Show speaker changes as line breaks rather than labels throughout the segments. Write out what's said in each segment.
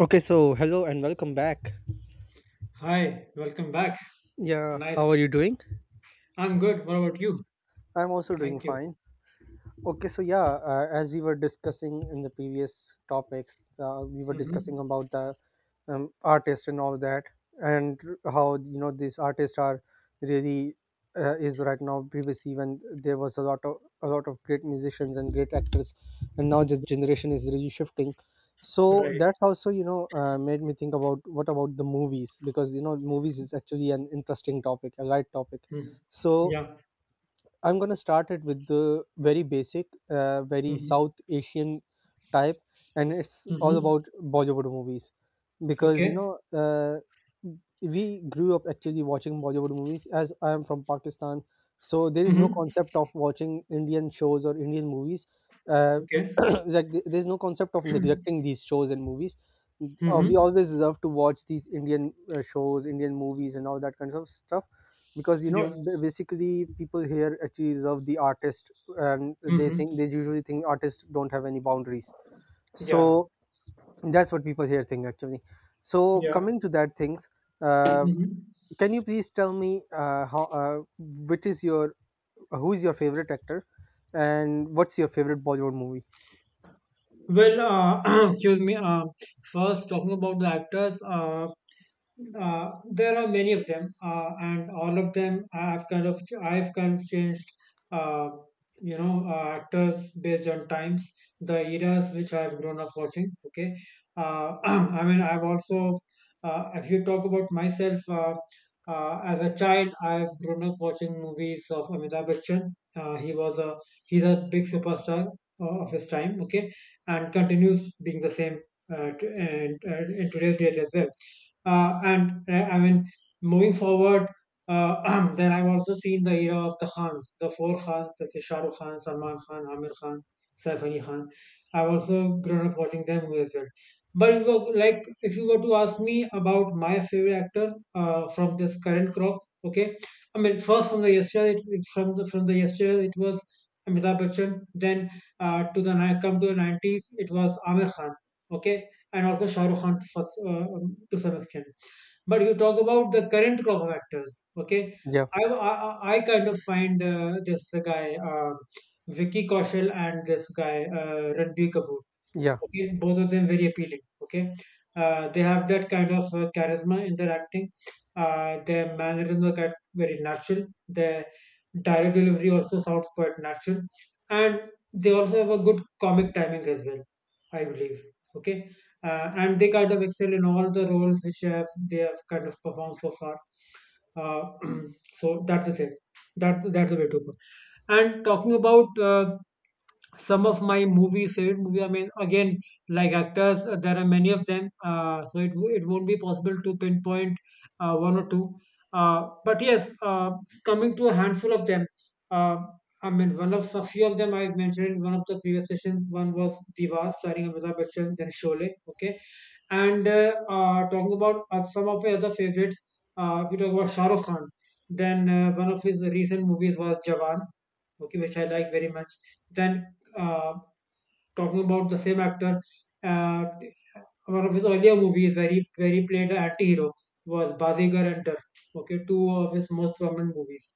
Okay, so hello and welcome back.
Hi, welcome back.
Yeah,
Nice.
how are you doing?
I'm good. What about you?
I'm also doing
Thank you.
fine. Okay, so yeah, as we were discussing in the previous topics, we were discussing
Hmm.
about the artist and all that, and how you know these artists are really is right now. Previously, when there was a lot of great musicians and great actors, and now this generation is really shifting. So
Right.
that's also you know made me think about what about the movies, because you know movies is actually an interesting topic, a light topic.
Mm.
So
Yeah.
I'm going to start it with the very basic, very
Hmm.
South Asian type, and it's all
Hmm.
about Bollywood movies because you
Okay.
know we grew up actually watching Bollywood movies. As I am from Pakistan, so there is no
Hmm.
concept of watching Indian shows or Indian movies. Uh,
Okay.
like there's no concept of neglecting these shows and movies. We
Hmm.
always love to watch these Indian shows, Indian movies, and all that kind of stuff, because you know
Yeah.
basically people here actually love the artist, and they think
Hmm.
they usually think artists don't have any boundaries,
Yeah.
so that's what people here think actually. So
Yeah.
coming to that things, uh,
Hmm.
can you please tell me, how which is your who is your favorite actor, and what's your favorite Bollywood movie?
Well, excuse me. First, talking about the actors. There are many of them, and all of them I've kind of changed, uh, actors based on times, the eras which I've grown up watching. Okay, I mean I've also, if you talk about myself, as a child I've grown up watching movies of Amitabh Bachchan. Uh, he was a he's a big superstar of his time. Okay, and continues being the same and in today's date as well. And I mean, moving forward, then I've also seen the era of the Khans, the four Khans, like the Shah Rukh Khan, Salman Khan, Amir Khan, Saif Ali Khan. I've also grown up watching them as well. But if you were- like, if you were to ask me about my favorite actor from this current crop, okay, I mean, first from the yesterday, from the yesterday, it was Amitabh Bachchan. Then come to the 90s, it was Amir Khan. Okay, and also Shah Rukh Khan for, to some extent. But you talk about the current crop of actors, okay?
Yeah,
I kind of find this guy, Vicky Kaushal, and this guy, Ranbir Kapoor.
yeah.
Okay, both of them very appealing. Okay, they have that kind of charisma in their acting. Their mannerisms are quite very natural. Their direct delivery also sounds quite natural, and they also have a good comic timing as well. I believe. Okay, and they kind of excel in all the roles which have they have kind of performed so far. Uh, so that's the thing. That's the way to go. And talking about some of my movies favorite movie. I mean, again, like actors, there are many of them, so it won't be possible to pinpoint one or two, but yes, coming to a handful of them. uh, I mean, one of a few of them I mentioned in one of the previous sessions. One was Diwar starring Amitabh Bachchan, then Sholay. Okay, and talking about some of my other favorites. We talk about Shah Rukh Khan, then one of his recent movies was Jawan. Okay, which I like very much. Then uh, talking about the same actor, uh, one of his earlier movies where he played an anti-hero was Bazigar and Dar. Okay, two of his most prominent movies.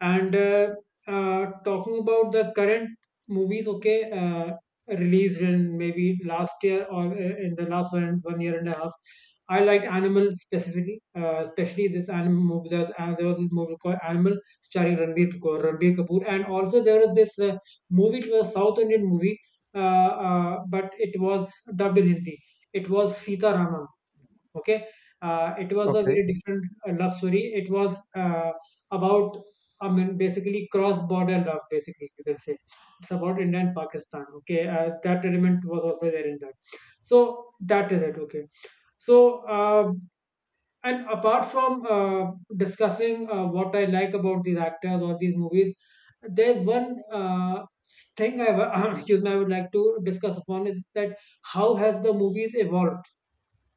And talking about the current movies. Okay, released in maybe last year or in the last one year and a half, I liked Animal specifically, especially this animal movie. There was this movie called Animal starring Ranbir Kapoor, and also there was this movie, it was a South Indian movie, but it was dubbed in Hindi. It was Sita Rama. Okay, it was a
Okay.
very different love story. It was about, I mean, basically cross-border love. Basically, you can say it's about India and Pakistan. Okay, that element was also there in that. So that is it. Okay, so. And apart from discussing what I like about these actors or these movies, there's one thing excuse me, I would like to discuss upon is that how has the movies evolved?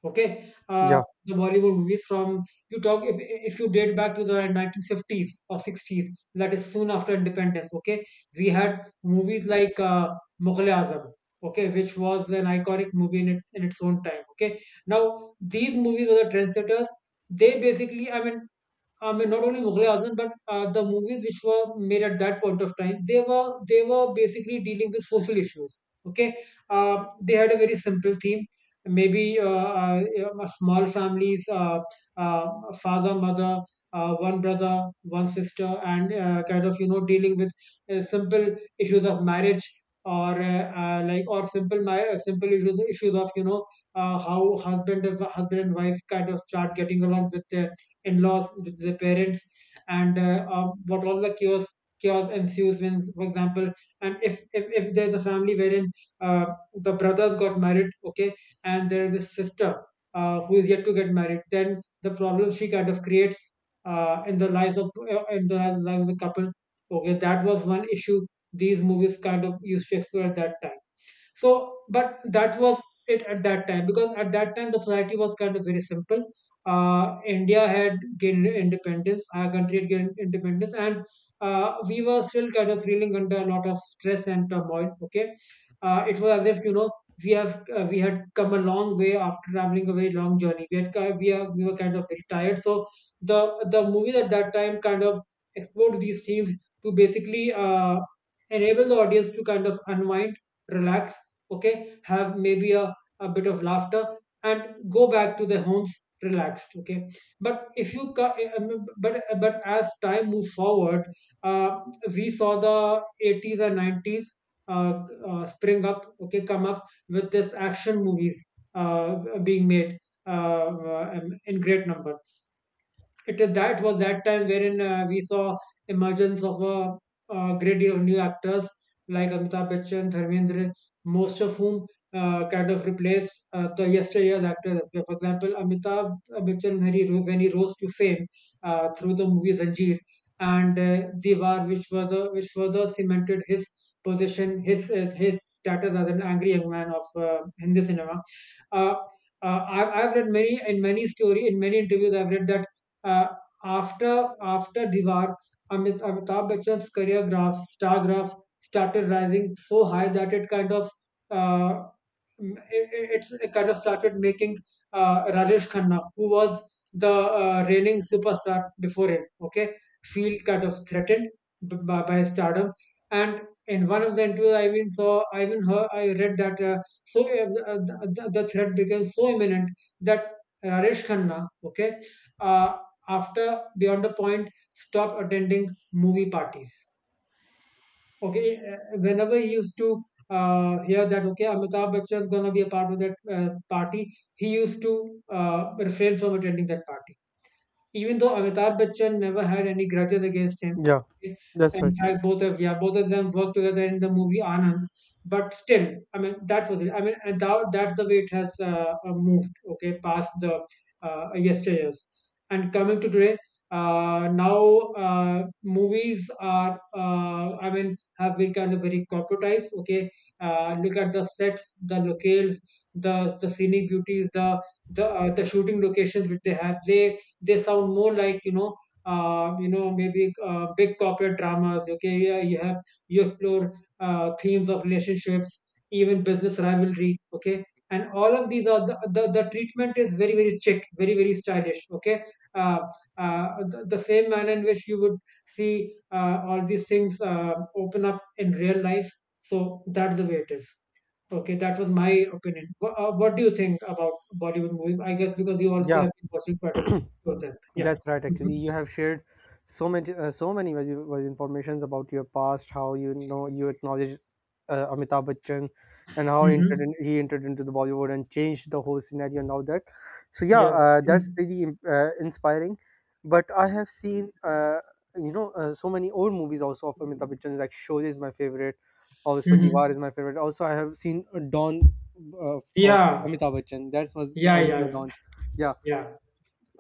Okay,
Yeah,
the bollywood movies from— you talk if you date back to the 1950s or 60s, that is soon after independence. Okay, we had movies like mughal e azam. Okay, which was an iconic movie in its own time. Okay, now these movies were the trendsetters. They basically, I mean— I mean, not only Mughal e Azam, but the movies which were made at that point of time, they were basically dealing with social issues. Okay, they had a very simple theme. Maybe uh, small families, uh, father, mother, one brother, one sister, and kind of dealing with simple issues of marriage or like, or simple issues of how husband and wife kind of start getting along with their in-laws, with their parents, and what all the chaos ensues when, for example, and if there's a family wherein uh, the brothers got married, okay, and there is a sister who is yet to get married, then the problem she kind of creates in the lives of the couple. Okay, that was one issue these movies kind of used to explore at that time. So but that was it at that time, because at that time the society was kind of very simple. India had gained independence, our country had gained independence, and we were still kind of reeling under a lot of stress and turmoil. Okay, it was as if, we had come a long way after traveling a very long journey. We had ki- we, are, We were kind of very tired. So the the movies at that time kind of explored these themes to basically enable the audience to kind of unwind, relax. Okay, have maybe a bit of laughter and go back to their homes relaxed. Okay, but if you ca- but as time moved forward, uh, we saw the 80s and 90s spring up. Okay, come up with this action movies being made uh, uh, in great numbers. It is That was that time wherein we saw emergence of a great deal of new actors like Amitabh Bachchan, Dharmendra, most of whom kind of replaced the yesteryear's actors. So, for example, Amitabh Bachchan, when he rose to fame through the movie Zanjeer and Diwar, which further cemented his position, his status as an angry young man of Hindi cinema. Uh, I've read many in many story in many interviews. I've read that uh, after after Diwar, Amit, Amitabh Bachchan's career graph, star graph, started rising so high that it kind of uh, m- it it's- it kind of started making Rajesh Khanna, who was the reigning superstar before him, okay, feel kind of threatened b- by stardom. And in one of the interviews, I even saw, I even heard, I read that, so the threat became so imminent that Rajesh Khanna, okay, uh, after beyond a point stopped attending movie parties. Okay, whenever he used to hear that, okay, amitabh Bachchan is gonna be a part of that party, he used to refrain from attending that party, even though Amitabh Bachchan never had any grudges against him,
yeah.
okay,
That's
in
right.
fact, both of yeah, both of them worked together in the movie Anand. But still, I mean, that was it. I mean, and that's the way it has moved. Okay, past the yesteryears. And coming to today, now movies are, I mean, have been kind of very corporatized. Okay, look at the sets, the locales, the scenic beauties, the shooting locations which they have. They sound more like, maybe big corporate dramas. Okay, yeah, you have— you explore themes of relationships, even business rivalry. Okay, and all of these are— the treatment is very, very chic, very, very stylish. Okay, uh, the same manner in which you would see all these things open up in real life. So that's the way it is. Okay, that was my opinion. What do you think about Bollywood movies? I guess because you also
Yeah.
have been watching quite a few of them. Yeah.
That's right.
Mm-hmm.
Actually, you have shared so much, so many valuable informations about your past, how you know you acknowledged Amitabh Bachchan, and how
Mm-hmm.
he entered into the Bollywood and changed the whole scenario and all that. So yeah,
Yeah.
that's
Mm-hmm.
really inspiring. But I have seen, so many old movies also of Amitabh Bachchan. Like Sholay is my favorite. Also, Diwar
Mm-hmm.
is my favorite. Also, I have seen Dawn of
Yeah.
Amitabh Bachchan. That was the
Yeah. Yeah. Yeah.
original Dawn. Yeah,
Yeah.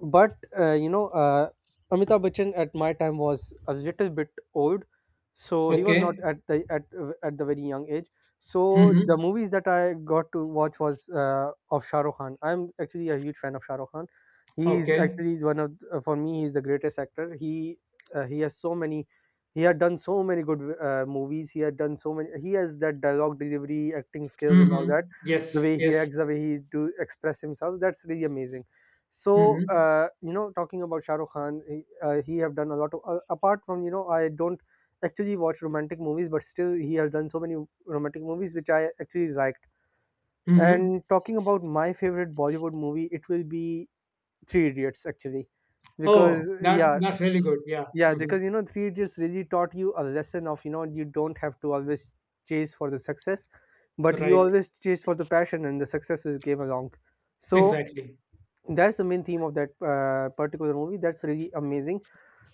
but Amitabh Bachchan at my time was a little bit old, so he was not
Okay.
at the very young age. So
Mm-hmm.
the movies that I got to watch was of Shah Rukh Khan. I'm actually a huge fan of Shah Rukh Khan. He's
Okay.
actually one of for me, he's the greatest actor. He has so many he had done so many good movies. He had done so many He has that dialogue delivery, acting skills, and all
Mm-hmm.
that, the
Yes.
way he
Yes.
acts, the way he do express himself. That's really amazing. So
Mm-hmm.
talking about Shah Rukh Khan, he have done a lot. Apart from I don't actually watch romantic movies, but still he has done so many romantic movies which I actually liked.
Mm-hmm.
And talking about my favorite Bollywood movie, it will be Three Idiots actually,
Oh,
because,
that
yeah,
that's really good. Yeah.
yeah,
Mm-hmm.
because you know, Three Idiots really taught you a lesson of you don't have to always chase for the success, but you
Right.
always chase for the passion and the success will came along. So
Exactly.
that's the main theme of that particular movie. That's really amazing,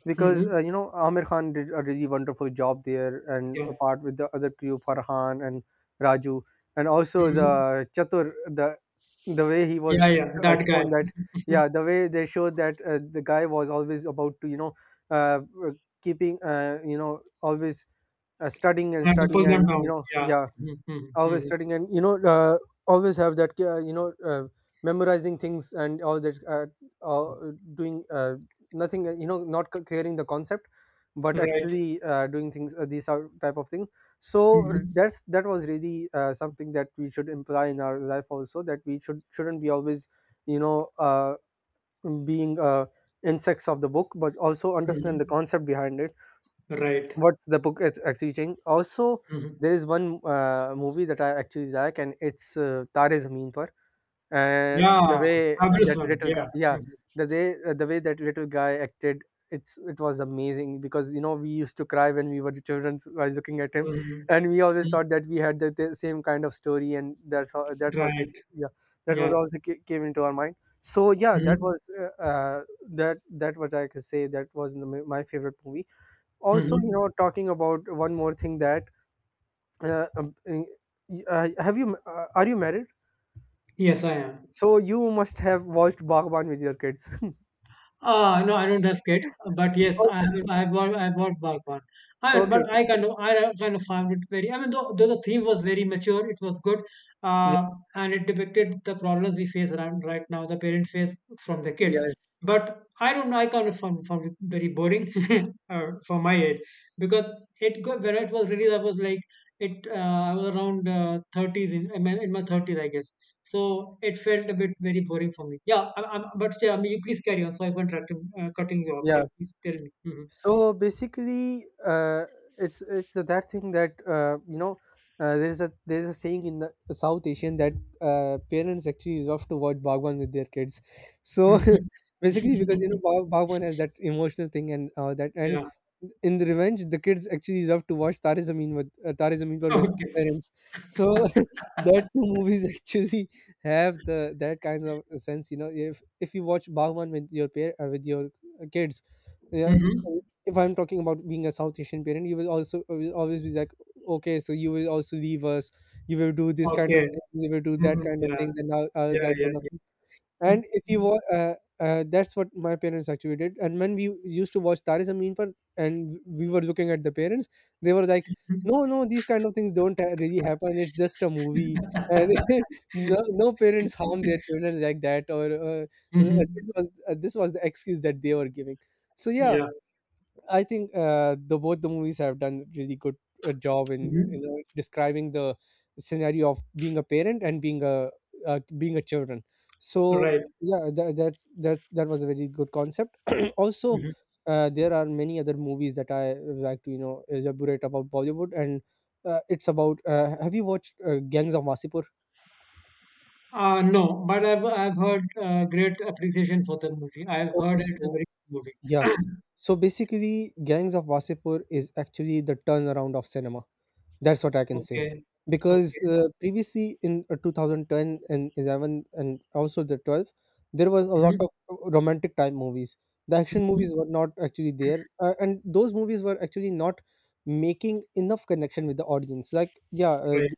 because
Mm-hmm.
you know Amir Khan did a really wonderful job there, and
Yeah.
apart with the other crew, Farhan and Raju, and also
Mm-hmm.
the Chatur, the way he
Yeah.
was
Yeah. That guy.
shown that, yeah, the way they showed that the guy was always about to you know, uh, uh, keeping always studying and
Trying to pull
studying,
them
and you
down.
know,
Yeah.
yeah,
Mm-hmm. Mm-hmm.
always
Mm-hmm.
studying, and you know always have that memorizing things and all that, doing nothing, you know, not clearing the concept but
Right.
actually doing things, these are type of things. So
Mm-hmm.
that was really something that we should imply in our life also, that we shouldn't be always you know being insects of the book, but also understand the
Mhm.
concept behind it,
Right.
what's the book is actually saying. Also,
Mhm.
there is one movie that I actually like, and it's Tare Zameen Par. And the
Yeah,
way
obvious
that
one.
little guy,
Yeah.
yeah,
Mhm.
the way that little guy acted, it was amazing, because you know we used to cry when we were the children by looking at him,
Mhm.
and we always
Mhm.
thought that we had the same kind of story, and that's how that was,
Right.
yeah, that was
Yes.
also came into our mind. So yeah, that
Mhm.
was that what I could say, that was my favorite movie. Also you
Mhm.
know, talking about one more thing, that uh, um, have you are you married?
Yes, I am.
So you must have watched Bagban with your kids.
No, I don't have kids, but yes, I
Okay,
have. I bought Bark. I mean,
okay,
but
okay.
I kind of found it very. I mean, though the theme was very mature, it was good,
Yeah,
uh, and it depicted the problems we face around right now, the parents face from the kids.
yeah,
But I don't. Know, I kind of found it very boring for my age because it got when it was released, I was like it. I was around thirties in, I mean, in my thirties, I guess. So it felt a bit very boring for me. Yeah, but yeah, you please carry on. So I went cutting you off. Yeah,
yeah.
please tell me. Hmm.
So basically, it's that thing that, you know. There's a saying in the South Asian that parents actually love to watch Bhagwan with their kids. So
Hmm.
basically, because you know Bhagwan has that emotional thing and that, and
Yeah.
in the revenge, the kids actually love to watch Tare Zameen Par with
Okay.
parents. So that two movies actually have the that kind of sense. You know, if you watch Bhagwan with your pair with your kids, yeah,
Hmm.
if I'm talking about being a South Asian parent, you will also will always be like, okay, so you will also leave us, you will do this kind
Okay.
of things, you will do that
Hmm.
kind of
Yeah.
things, and now
Yeah.
that
Yeah.
kind of
Yeah.
thing. And if you wa that's what my parents actually did. And when we used to watch Tare Zameen Par, and we were looking at the parents, they were like, no, no, these kind of things don't really happen, it's just a movie, and no, no parents harm their children like that. Or
Hmm.
this was the excuse that they were giving. So yeah,
Yeah.
I think the both the movies have done really good job in
Hmm.
you know describing the scenario of being a parent and being a children. So
Right.
yeah, that that's that was a very good concept. Also,
Hmm.
there are many other movies that I like to you know elaborate about Bollywood, and it's about, have you watched Gangs of Wasipur?
No, but I've heard great appreciation for the movie. I've
Okay,
heard it's a
so
very good movie.
yeah, so basically, Gangs of Wasipur is actually the turnaround of cinema. That's what I can say.
Okay.
Because
Okay.
previously in 2010 and 11 and also the 12, there was a lot of romantic type movies. The action
Mhm.
movies were not actually there, and those movies were actually not making enough connection with the audience. Like, yeah,
Right.
th-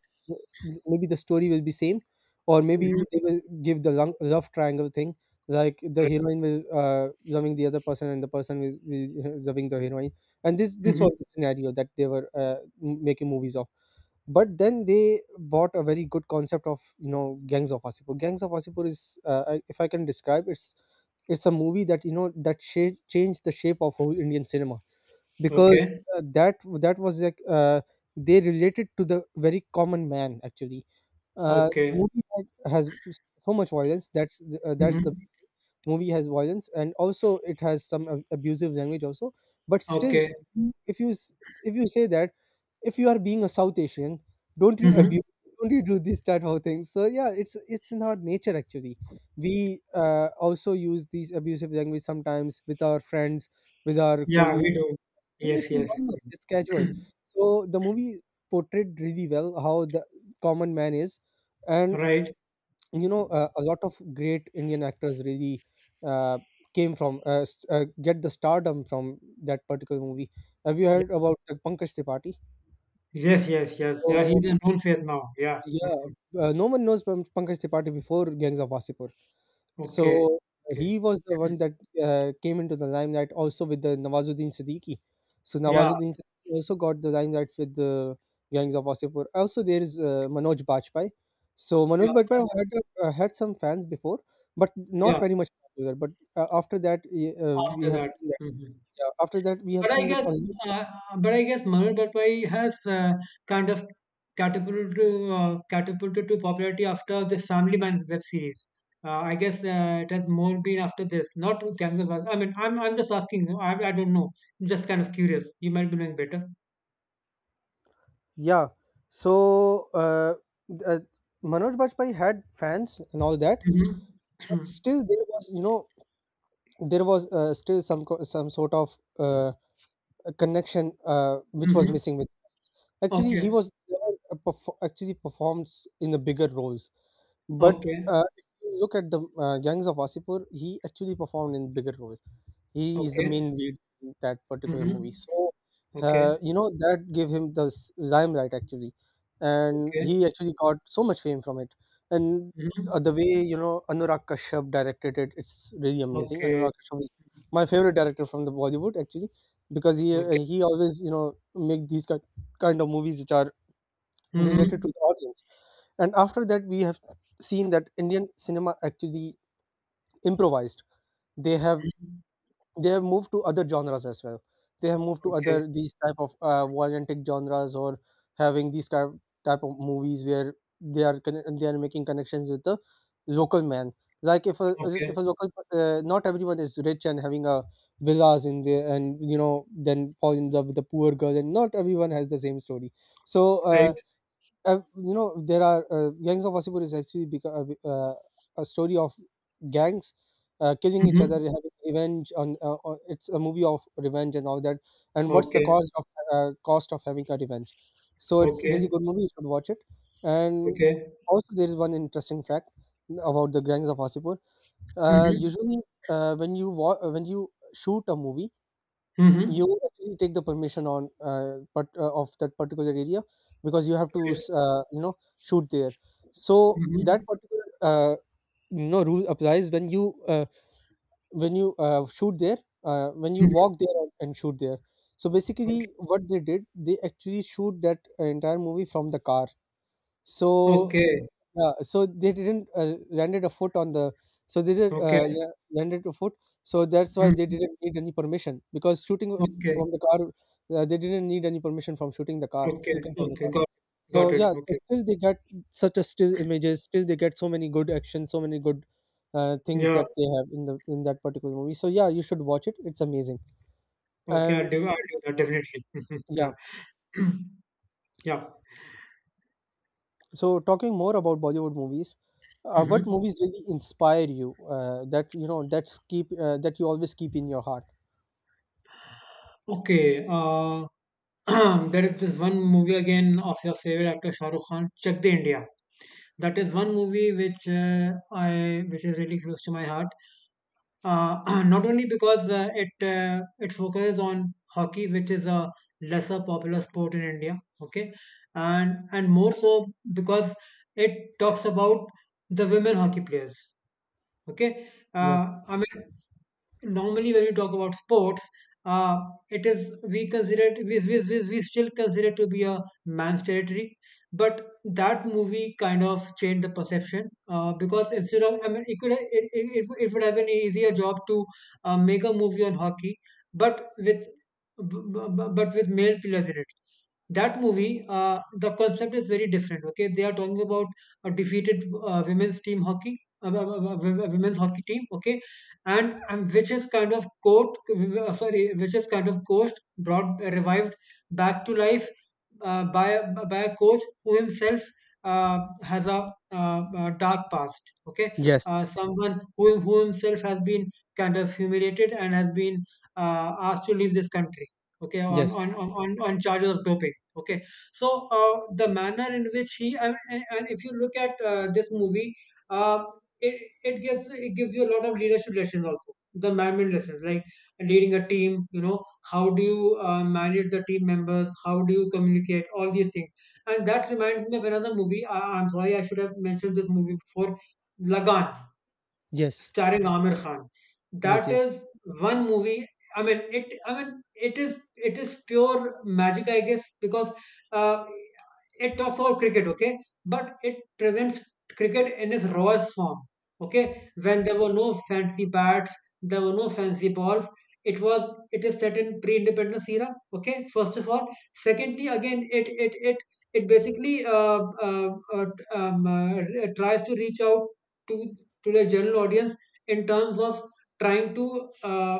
th- maybe the story will be same, or maybe
Mhm.
they will give the long, love triangle thing, like the
Right.
heroine will loving the other person, and the person will loving the heroine, and this
Mhm.
was the scenario that they were making movies of. But then they bought a very good concept of, you know, Gangs of Wasipur. Gangs of Wasipur is, if I can describe, it's a movie that you know that changed the shape of whole Indian cinema, because
Okay.
that was like, they related to the very common man actually, the
Okay.
movie that has so much violence, that's the
Mhm.
movie, has violence and also it has some abusive language also. But still,
Okay.
if you s- if you say that, if you are being a South Asian, don't you
Mhm.
abuse? Don't you do this type of things? So yeah, it's in our nature actually. We also use these abusive language sometimes with our friends, with our
Yeah, we
colleagues.
do. Yes,
It's
yes.
normal,
Mhm.
it's casual. So the movie portrayed really well how the common man is. And
Right.
you know a lot of great Indian actors really uh, get the stardom from that particular movie. Have you
Yeah.
heard about Pankaj Tripathi?
Yes, yes, yes. Yeah,
So
he's in full phase now. Yeah.
yeah,
Mhm.
no one knows Pankaj Tripathi before Gangs of Wasseypur. So
Okay.
he
Okay.
was the one that came into the limelight also with the Nawazuddin Siddiqui. So
Yeah.
Nawazuddin Siddiqui also got the limelight with the Gangs of Wasipur. Also, there is Manoj Bajpayee. So
Yeah.
Manoj Bajpayee had some fans before, but not
Yeah.
very much popular. But after that, we
After
have
that.
seen that.
Mhm.
Yeah, after that, we have
But I
seen that
guess,
a lot.
uh, but I guess Manoj Bajpayee has kind of catapulted to popularity after this Family Man web series. I guess it has more been after this, not with Gangal Baz- I'm just asking. I don't know. I'm just kind of curious. You might be knowing better.
Yeah. So uh, uh, Manoj Bajpayee had fans and all that,
Mm-hmm.
but still there was, there was still some sort of connection which was
Mm-hmm.
missing with Prince. Actually he
Okay.
was never a perf- actually performed in the bigger roles, but
Okay.
if you look at the gangs of Wasipur, he actually performed in bigger roles. He is the
Okay.
main lead in that particular
Mm-hmm.
movie. So,
Okay.
that gave him the limelight actually, and
Okay.
he actually got so much fame from it. And
Mm-hmm.
the way you know Anurag Kashyap directed it, it's really amazing.
Okay.
Anurag Kashyap is my favorite director from the Bollywood actually, because he uh,
Okay.
he always you know make these kind of movies which are related to
Mm-hmm.
the audience. And after that, we have seen that Indian cinema actually improvised. They have they have moved to other genres as well. They have moved to
Okay.
other these type of violent genres or having these type of movies where they are making connections with the local man. Like if a,
Okay.
if a local not everyone is rich and having a villas in there and you know then fall in love with a poor girl, and not everyone has the same story. So
Right.
uh, uh, you know there are gangs of Wasipur is actually uh, uh, a story of gangs killing each other,
Mm-hmm.
having revenge on it's a movie of revenge and all that, and what's the
Okay.
cost of having a revenge. So it's really
Okay.
good movie, you should watch it. And
Okay.
also there is one interesting fact about the gangs of Wasipur.
Mhm.
Usually when when you shoot a movie, you
Mhm.
actually take the permission on but of that particular area, because you have to
Okay.
s- uh, you know shoot there, so that
Mhm.
particular you know rule applies when you when you shoot there, when you
Mhm.
walk there and shoot there. So basically
Okay.
what they did, they actually shoot that entire movie from the car. So,
Okay.
yeah, so they didn't landed a foot on the, so they did
Okay.
yeah, landed a foot. So that's why they
Mhm.
didn't need any permission, because shooting
Okay.
from the car, they didn't need any permission from shooting the car,
Okay.
shooting from the
Okay.
car.
Got
So
got it.
yeah, so
Okay.
still they get such a still images. Still they get so many good actions, so many good things
Yeah.
that they have in that particular movie. So yeah, you should watch it. It's amazing,
Okay.
and
I'll do that definitely. Mhm.
yeah.
Yeah. Yeah.
So, talking more about Bollywood movies, what
Hmm.
movies really inspire you? That you know that's keep that you always keep in your heart.
Okay. There is this one movie again of your favorite actor Shah Rukh Khan, Chak De India. That is one movie which I which is really close to my heart. Not only because it focuses on hockey, which is a lesser popular sport in India, okay, and more so because it talks about the women hockey players. Okay.
Yeah.
I mean, normally when we talk about sports, uh, it is we consider it, we still consider it to be a man's territory. But that movie kind of changed the perception, because instead of, I mean, it could it, it, it it would have been an easier job to make a movie on hockey, but with but with male pillars in it. That movie, the concept is very different. Okay, they are talking about a defeated women's team hockey, a women's hockey team. Okay, and which is kind of court sorry which is kind of coached brought revived back to life by by a coach who himself uh, has a dark past. Okay.
Yes.
Someone who himself has been kind of humiliated and has been asked to leave this country, okay,
Yes.
on charges of doping. Okay. So uh, the manner in which he, I mean, and if you look at this movie, uh, it, it gives, it gives you a lot of leadership lessons, also the management lessons, like leading a team, you know, how do you manage the team members, how do you communicate, all these things. And that reminds me of another movie. I'm sorry, I should have mentioned this movie before: Lagan,
Yes.
starring Amir Khan.
Yes.
That
Yes.
is one movie. I mean, it is. It is pure magic, I guess, because uh, it talks about cricket, okay, but it presents cricket in its rawest form. Okay, when there were no fancy bats, there were no fancy balls. It was. It is set in pre-independence era. Okay, first of all, secondly, again, it basically uh, uh, um, uh, tries to reach out to to the general audience in terms of trying to uh,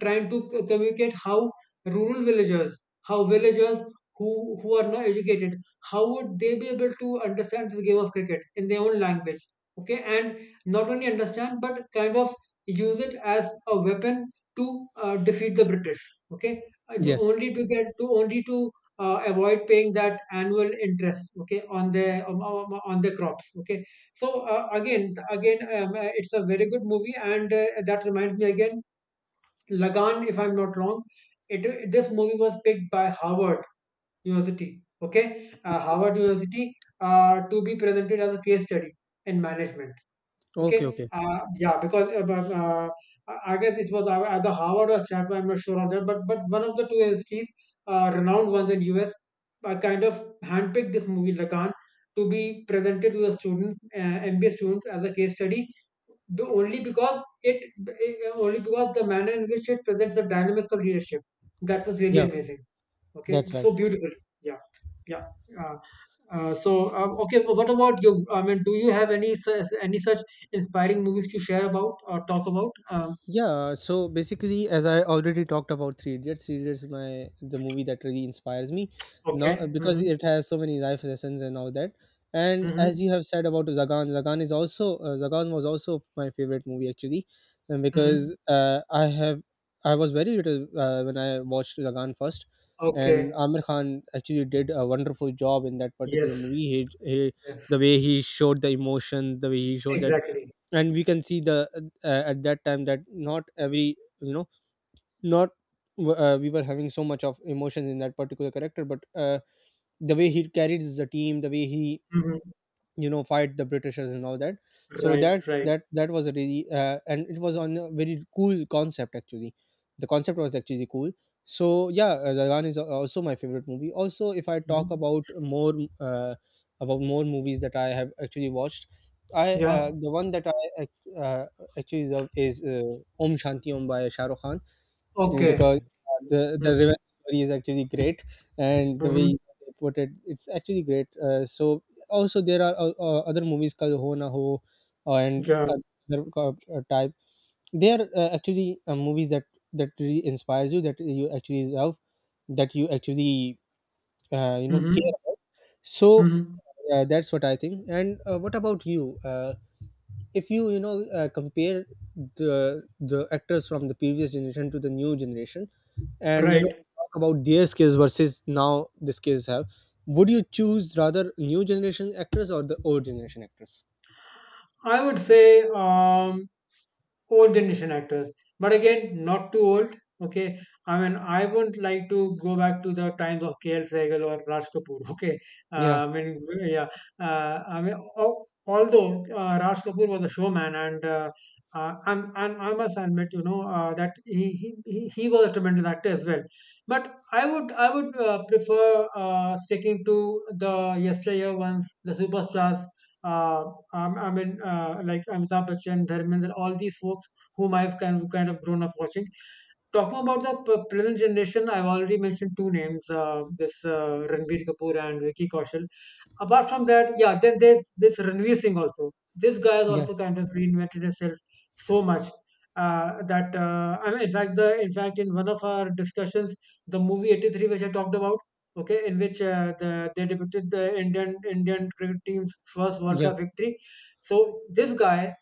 trying to communicate how villagers who are not educated, how would they be able to understand this game of cricket in their own language? Okay, and not only understand but kind of use it as a weapon to defeat the British. Okay, to
Yes.
only to get to only to avoid paying that annual interest, okay, on their crops. Okay, so again again it's a very good movie, and that reminds me again, Lagan, if I'm not wrong, it this movie was picked by Harvard University. Okay, Harvard University, to be presented as a case study in management.
Okay.
Okay,
Okay.
yeah, because I guess it was either Harvard or Stanford. I'm not sure on that, but one of the two entities, renowned ones in US, kind of handpicked this movie Lacan to be presented to the students, MBA students, as a case study. The only because it only because the manner in which it presents the dynamics of leadership, that was really
Yeah.
amazing. Okay,
That's right.
so beautiful. Yeah, yeah. Uh, so okay, but what about you? I mean, do you have any any such inspiring movies to share about or talk about?
Yeah, so basically, as I already talked about Three Idiots, Three Idiots is my the movie that really inspires me,
Okay.
not because
Hmm.
it has so many life lessons and all that. And as
Hmm.
you have said about Zagan, Zagan is also Zagan was also my favorite movie actually, and because
Hmm.
I was very little when I watched Zagan first, and
Okay.
Amir Khan actually did a wonderful job in that particular
Yes.
movie. He,
Yes.
the way he showed the emotion, the way he showed that,
Exactly.
and we can see the at that time that not every you know not we were having so much of emotions in that particular character, but the way he carries the team, the way he
Hmm.
you know fight the britishers and all that. so that
Right. Right.
that that was a really and it was on a very cool concept actually. The concept was actually cool. So yeah, Dalwan is also my favorite movie. Also if I talk
Hmm.
uh, about more movies that I have actually watched, I
Yeah.
the one that I actually love is Om Shanti Om by Shah Rukh Khan. Mm, because
Okay.
the
Hmm.
revenge story is actually great, and the way
Hmm.
they put it, it's actually great. So also there are other movies called Ho Na Ho and
Yeah.
other type. They are actually movies that that really inspires you, that you actually love, that you actually you know care
Hmm.
about. So
Hmm.
that's what I think. And what about you? If you you know compare the actors from the previous generation to the new generation, and you know
Right.
talk about their skills versus now the skills have, would you choose rather new generation actors or the old generation actors?
I would say old generation actors, but again, not too old. Okay, I mean, I wouldn't like to go back to the times of KL Sehgal or Raj Kapoor. Okay,
Yeah,
yeah, I mean, although Raj Kapoor was a showman, and I'm, and I must admit, you know, that he was a tremendous actor as well. But I would prefer sticking to the yesteryear ones, the superstars. Uh, I mean, like Amitabh Bachchan, Dharmendra, all these folks whom I've kind of grown up watching. Talking about the present generation, I've already mentioned two names, this Ranbir Kapoor and Vicky Kaushal. Apart from that, yeah, then there's this Ranveer Singh also. This guy has
yeah,
also kind of reinvented himself so much that, I mean, in fact, in one of our discussions, the movie '83, which I talked about, okay, in which they depicted the Indian cricket team's first World
yeah,
Cup victory. So this guy,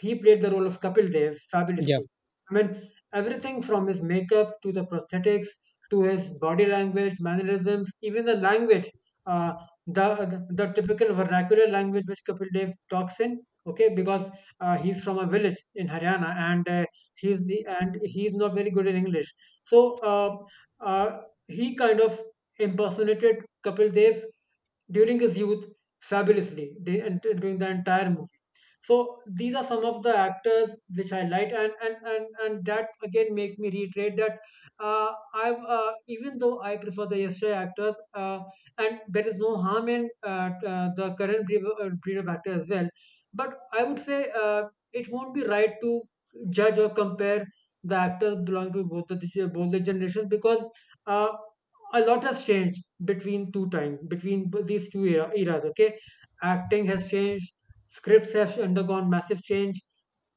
he played the role of Kapil Dev
yeah,
fabulously. I mean, everything from his makeup to the prosthetics, to his body language, mannerisms, even the language, uh, the typical vernacular language which Kapil Dev talks in. Okay, because he's from a village in Haryana, and he's the and he's not very good in English. So uh, he kind of impersonated Kapil Dev during his youth fabulously, and during the entire movie. So these are some of the actors which I like, and and that again make me reiterate that, I even though I prefer the yesterday actors, and there is no harm in the current breed of actor as well. But I would say it won't be right to judge or compare the actors belonging to both the generations, because uh, a lot has changed between two times, between these two eras. Okay, acting has changed, scripts have undergone massive change.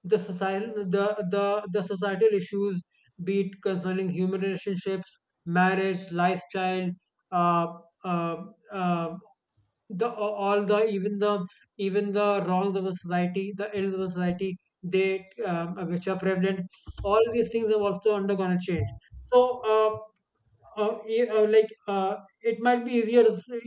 The societal issues, be it concerning human relationships, marriage, lifestyle, uh, uh, uh, the all the even the even the wrongs of the society, the ills of the society, they which are prevalent, all these things have also undergone a change. So uh, e- uh, like uh, it might be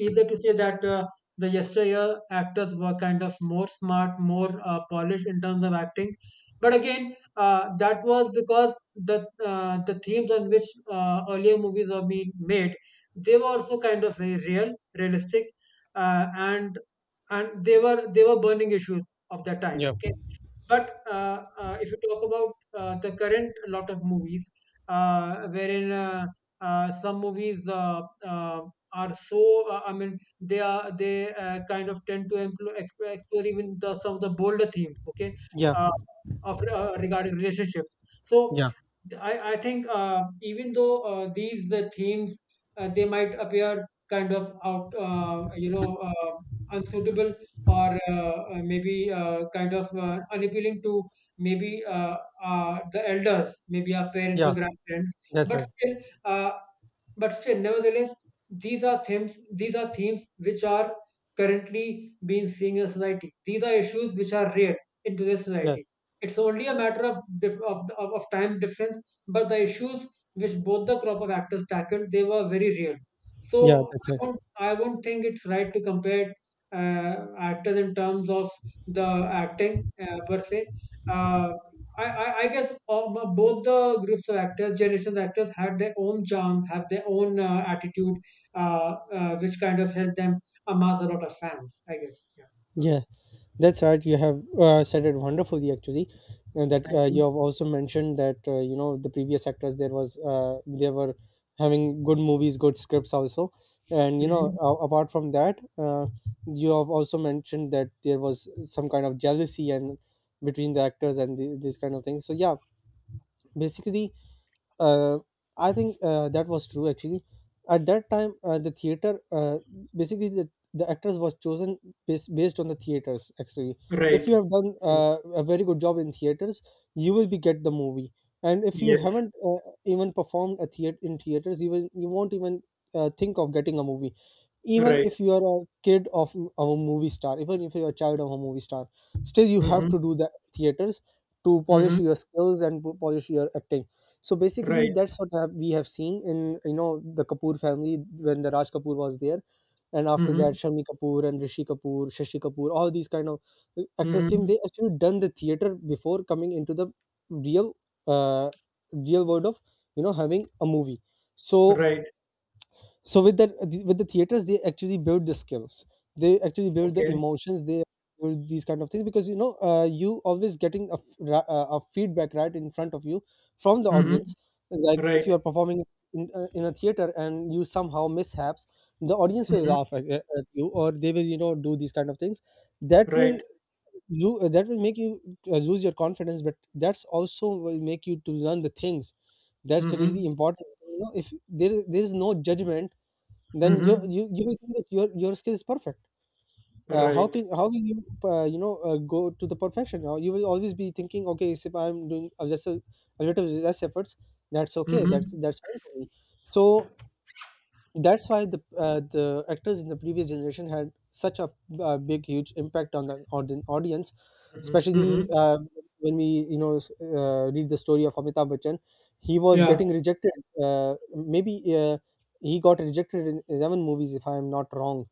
easier to say that the yesteryear actors were kind of more smart, more polished in terms of acting. But again, that was because the themes on which earlier movies were being made, they were also kind of very real, realistic, and they were, they were burning issues of their time.
yeah,
Okay, but if you talk about the current lot of movies, wherein some movies uh, are so, I mean, they are they kind of tend to explore, explore even the, some of the bolder themes, okay,
yeah,
uh, of regarding relationships. So
yeah,
I think, even though these themes, they might appear kind of unsuitable or maybe kind of unappealing to maybe the elders, maybe our parents or
yeah,
grandparents.
that's
But
right,
still, uh, but still, nevertheless, these are themes. These are themes which are currently being seen in society. These are issues which are real in today's
yeah,
society. It's only a matter of of time difference, but the issues which both the crop of actors tackled, they were very real.
yeah,
So
that's right.
I won't think it's right to compare actors in terms of the acting per se. Uh, I guess, both the groups of actors, generations of actors, had their own charm, have their own attitude, which kind of helped them amass a lot of fans, I guess. Yeah. Mhm.
Yeah, that's right. You have said it wonderfully, actually, and that
Thank
you
you.
have also mentioned that you know the previous actors there was they were having good movies, good scripts also, and you know
Mhm.
apart from that, you have also mentioned that there was some kind of jealousy and between the actors and the, these kind of things. So yeah, basically uh, I think that was true actually. At that time, the theater basically the actors was chosen based, based on the theaters actually. If
Right.
you have done
Mhm.
a very good job in theaters, you will be get the movie. And if you
Yes.
haven't even performed a theater in theaters, you will, you won't even think of getting a movie. Even
Right.
if you are a kid of a movie star, even if you are a child of a movie star, still you have
Mm-hmm.
to do the theaters to
Mm-hmm.
polish your skills and polish your acting. So basically,
Right.
that's what we have seen in you know the Kapoor family, when the Raj Kapoor was there, and after
Mm-hmm.
that Shami Kapoor and Rishi Kapoor, Shashi Kapoor, all these kind of actors came.
Mm-hmm.
They actually done the theater before coming into the real, uh, real world of you know having a movie. So
Right.
so with the with the theaters they actually build the skills, they actually build the
Okay.
emotions, they build these kind of things, because you know you always getting a, a feedback right in front of you from the
Mm-hmm.
audience. Like if
Right.
you are performing in a theater and you somehow mishaps, the audience will
Mm-hmm.
laugh at you, or they will you know do these kind of things that will
Right.
you, that will make you lose your confidence, but that's also will make you to learn the things. That's
Mm-hmm.
really important, you know if there is no judgment, then you
Mm-hmm.
you will think that your skill is perfect. How
Right.
can, how will you you know go to the perfection. You will always be thinking okay if I'm doing a, just a little less efforts, that's okay,
Mhm.
that's fine for me. So that's why the actors in the previous generation had such a big huge impact on the audience,
Mhm.
especially
Mhm.
when we you know read the story of Amitabh Bachchan. He was
Yeah.
getting rejected, uh, maybe he got rejected in 11 movies if I am not wrong.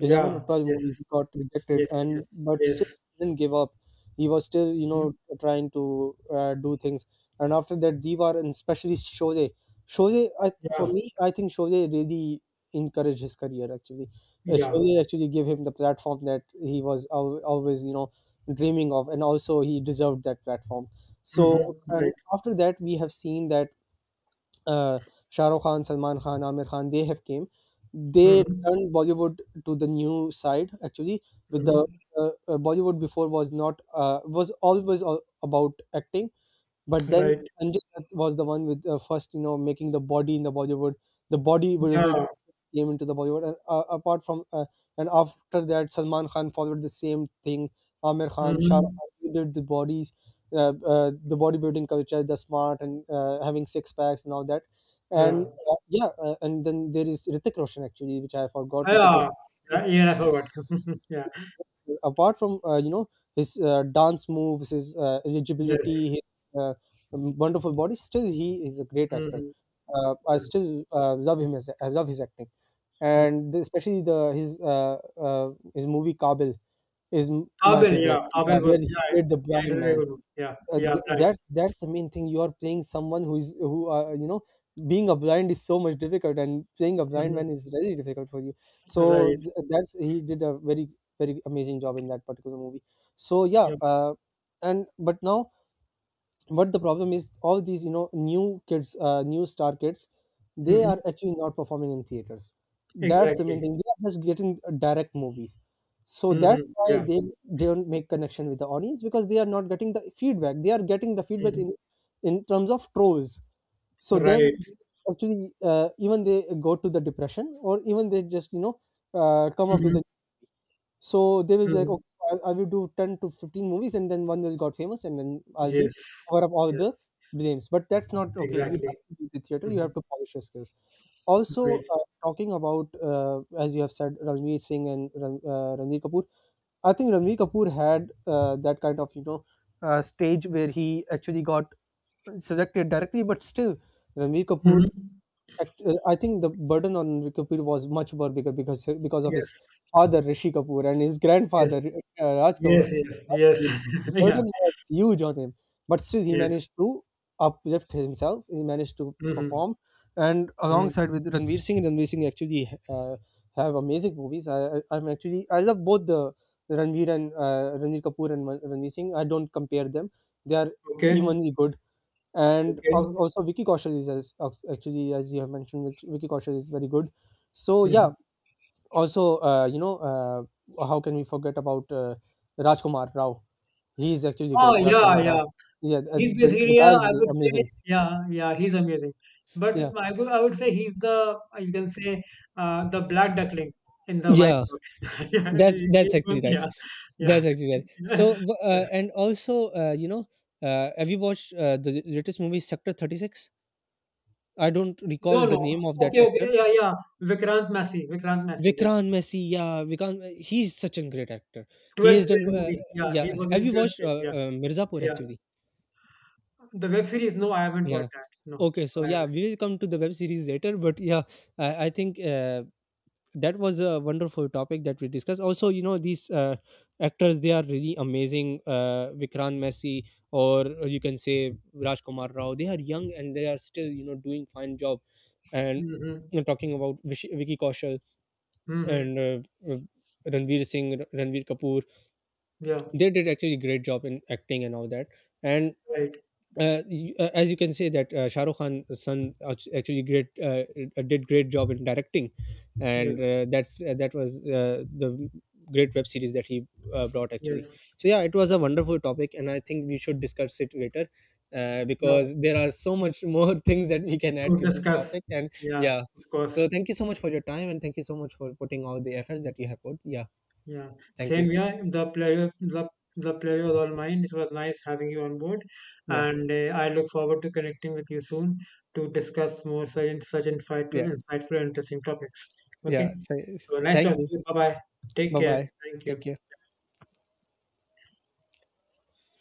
Raman
Yeah.
Uttal's
Yes.
movies got rejected,
Yes. Yes.
and but still
Yes.
he didn't give up. He was still, you
Mhm.
know, trying to do things. And after that, Divar and especially Shoje, Shoje, I, for
Yeah.
me, I think Shoje really encouraged his career. Actually,
Yeah.
Shoje actually gave him the platform that he was always, you know, dreaming of, and also he deserved that platform. So,
Mhm.
and
Right.
after that, we have seen that uh, Shah Rukh Khan, Salman Khan, Amir Khan, they have came. They
Mhm.
turned Bollywood to the new side actually. With the
Mhm.
Bollywood before was not was always all about acting, but then
Right.
Sanjay Dutt was the one with first you know making the body in the Bollywood, the body
Yeah.
came into the Bollywood. And apart from and after that, Salman Khan followed the same thing. Amir Khan, Shah Rukh
Mhm.
Khan, they did the bodies, the bodybuilding culture, the smart and having six packs and all that. And
Yeah.
yeah, and then there is Ritik Roshan actually, which I forgot. Ritik
Yeah.
Roshan,
Yeah. Yeah. I forgot. Yeah.
apart from you know his dance moves, his eligibility,
Yes.
his uh, wonderful body, still he is a great actor.
Mhm.
I
Yeah.
still love him as I love his acting,
Mhm.
and the, especially the his movie Kabil is my
Abel.
favorite.
Yeah. Abel
Yeah, where
was.
he
Yeah.
played the
Yeah. It is
blind
a very
man.
good one. Yeah. Yeah. Right.
That's the main thing. You are playing someone who is who you know, being a blind is so much difficult, and playing a blind
Mhm.
man is really difficult for you. So
Right.
that's he did a very amazing job in that particular movie. So yeah,
Yeah.
and but now but the problem is all these new kids, new star kids, they
Mhm.
are actually not performing in theaters. That's the main
Exactly.
thing. They are just getting direct movies, so that's
Mhm.
why
Yeah.
they don't make connection with the audience, because they are not getting the feedback. They are getting the feedback
Mhm.
in terms of trolls. So they
Right.
actually, even they go to the depression, or even they just come up with
Mhm.
a— so they will be like,
Mhm.
okay, so I will do 10 to 15 movies and then one will got famous and then I'll be
Yes.
cover up all
Yes.
the blames. But that's not okay. You
Exactly.
have to do the theater, you have
Mhm.
to polish your skills. Also,
Right.
talking about, as you have said, Ranveer Singh and Ranveer Kapoor, I think Ranveer Kapoor had that kind of, you know, stage where he actually got selected directly, but still, Ranveer Kapoor
Mhm.
I think the burden on Rishi Kapoor was much more bigger because of his
Yes.
father Rishi Kapoor and his
Yes.
grandfather, Raj Kapoor.
Yes. Yes.
Raj
Yes.
Kapoor. The
Yeah.
burden was huge on him, but still he
Yes.
managed to uplift himself. He managed to
Mhm.
perform, and
Mhm.
alongside with Ranveer Singh, Ranveer Singh actually have amazing movies. I'm actually— I love both the Ranveer and Ranveer Kapoor and Ranveer Singh. I don't compare them; they are
Okay.
evenly good. And
Okay.
also Vicky Kaushal is as, actually as you have mentioned, which Vicky Kaushal is very good. So yeah,
Mhm.
also how can we forget about Rajkumar Rao? He is actually
Oh,
good,
yeah.
Rajkumar Rao.
Yeah.
Yeah,
He's
the
basically,
guy is
I
really
would say,
amazing.
yeah. Yeah. He's amazing. But
Yeah,
I would say he's the, you can say, the black duckling in the white
yeah.
book. Yeah.
that's that's
He's one.
actually right.
Yeah. Yeah.
That's actually right. So and also, have you watched the latest movie Sector 36? I don't recall
No,
the
no.
name of that
Okay, okay.
actor.
Yeah, yeah. Vikrant Massey. Vikrant Massey. Yeah.
Vikrant Messi, yeah, Vikrant, he's such a great actor. He has
12th
done,
frame movie. Yeah. He
yeah.
was
Have
in
you
12th
watched
frame. Yeah.
Mirzapur
Yeah.
actually?
The web series? No, I haven't
Yeah.
watched that. No,
Okay, so
no, I
yeah,
haven't.
we will come to the web series later, but yeah, I think that was a wonderful topic that we discussed. Also, you know, these actors, they are really amazing. Vikrant Messi, or you can say Rajkumar Rao, they are young and they are still, you know, doing fine job. And
Mm-hmm.
you know, talking about Vicky Kaushal
Mm-hmm.
and Ranveer Singh, Ranveer Kapoor,
Yeah,
they did actually a great job in acting and all that. And
right.
as you can say that Shah Rukh Khan's son actually great— did great job in directing.
Yes,
And that's that was the great web series that he brought actually.
yes.
So yeah, it was a wonderful topic and I think we should discuss it later,
Yeah,
because there are so much more things that we can add
to
to this
discuss.
topic and—
Yeah,
yeah.
of course.
So thank you so much for your time and thank you so much for putting all the efforts that you have put. Yeah,
Yeah,
thank you.
same. Yeah, the pleasure, the pleasure was all mine. It was nice having you on board,
yeah
and I look forward to connecting with you soon to discuss more such insightful,
yeah
insightful, and interesting topics.
Yeah.
Okay.
So,
So nice
thank
talking to
you.
you. Bye bye. Take
Bye
care.
bye.
Thank you.
Take care.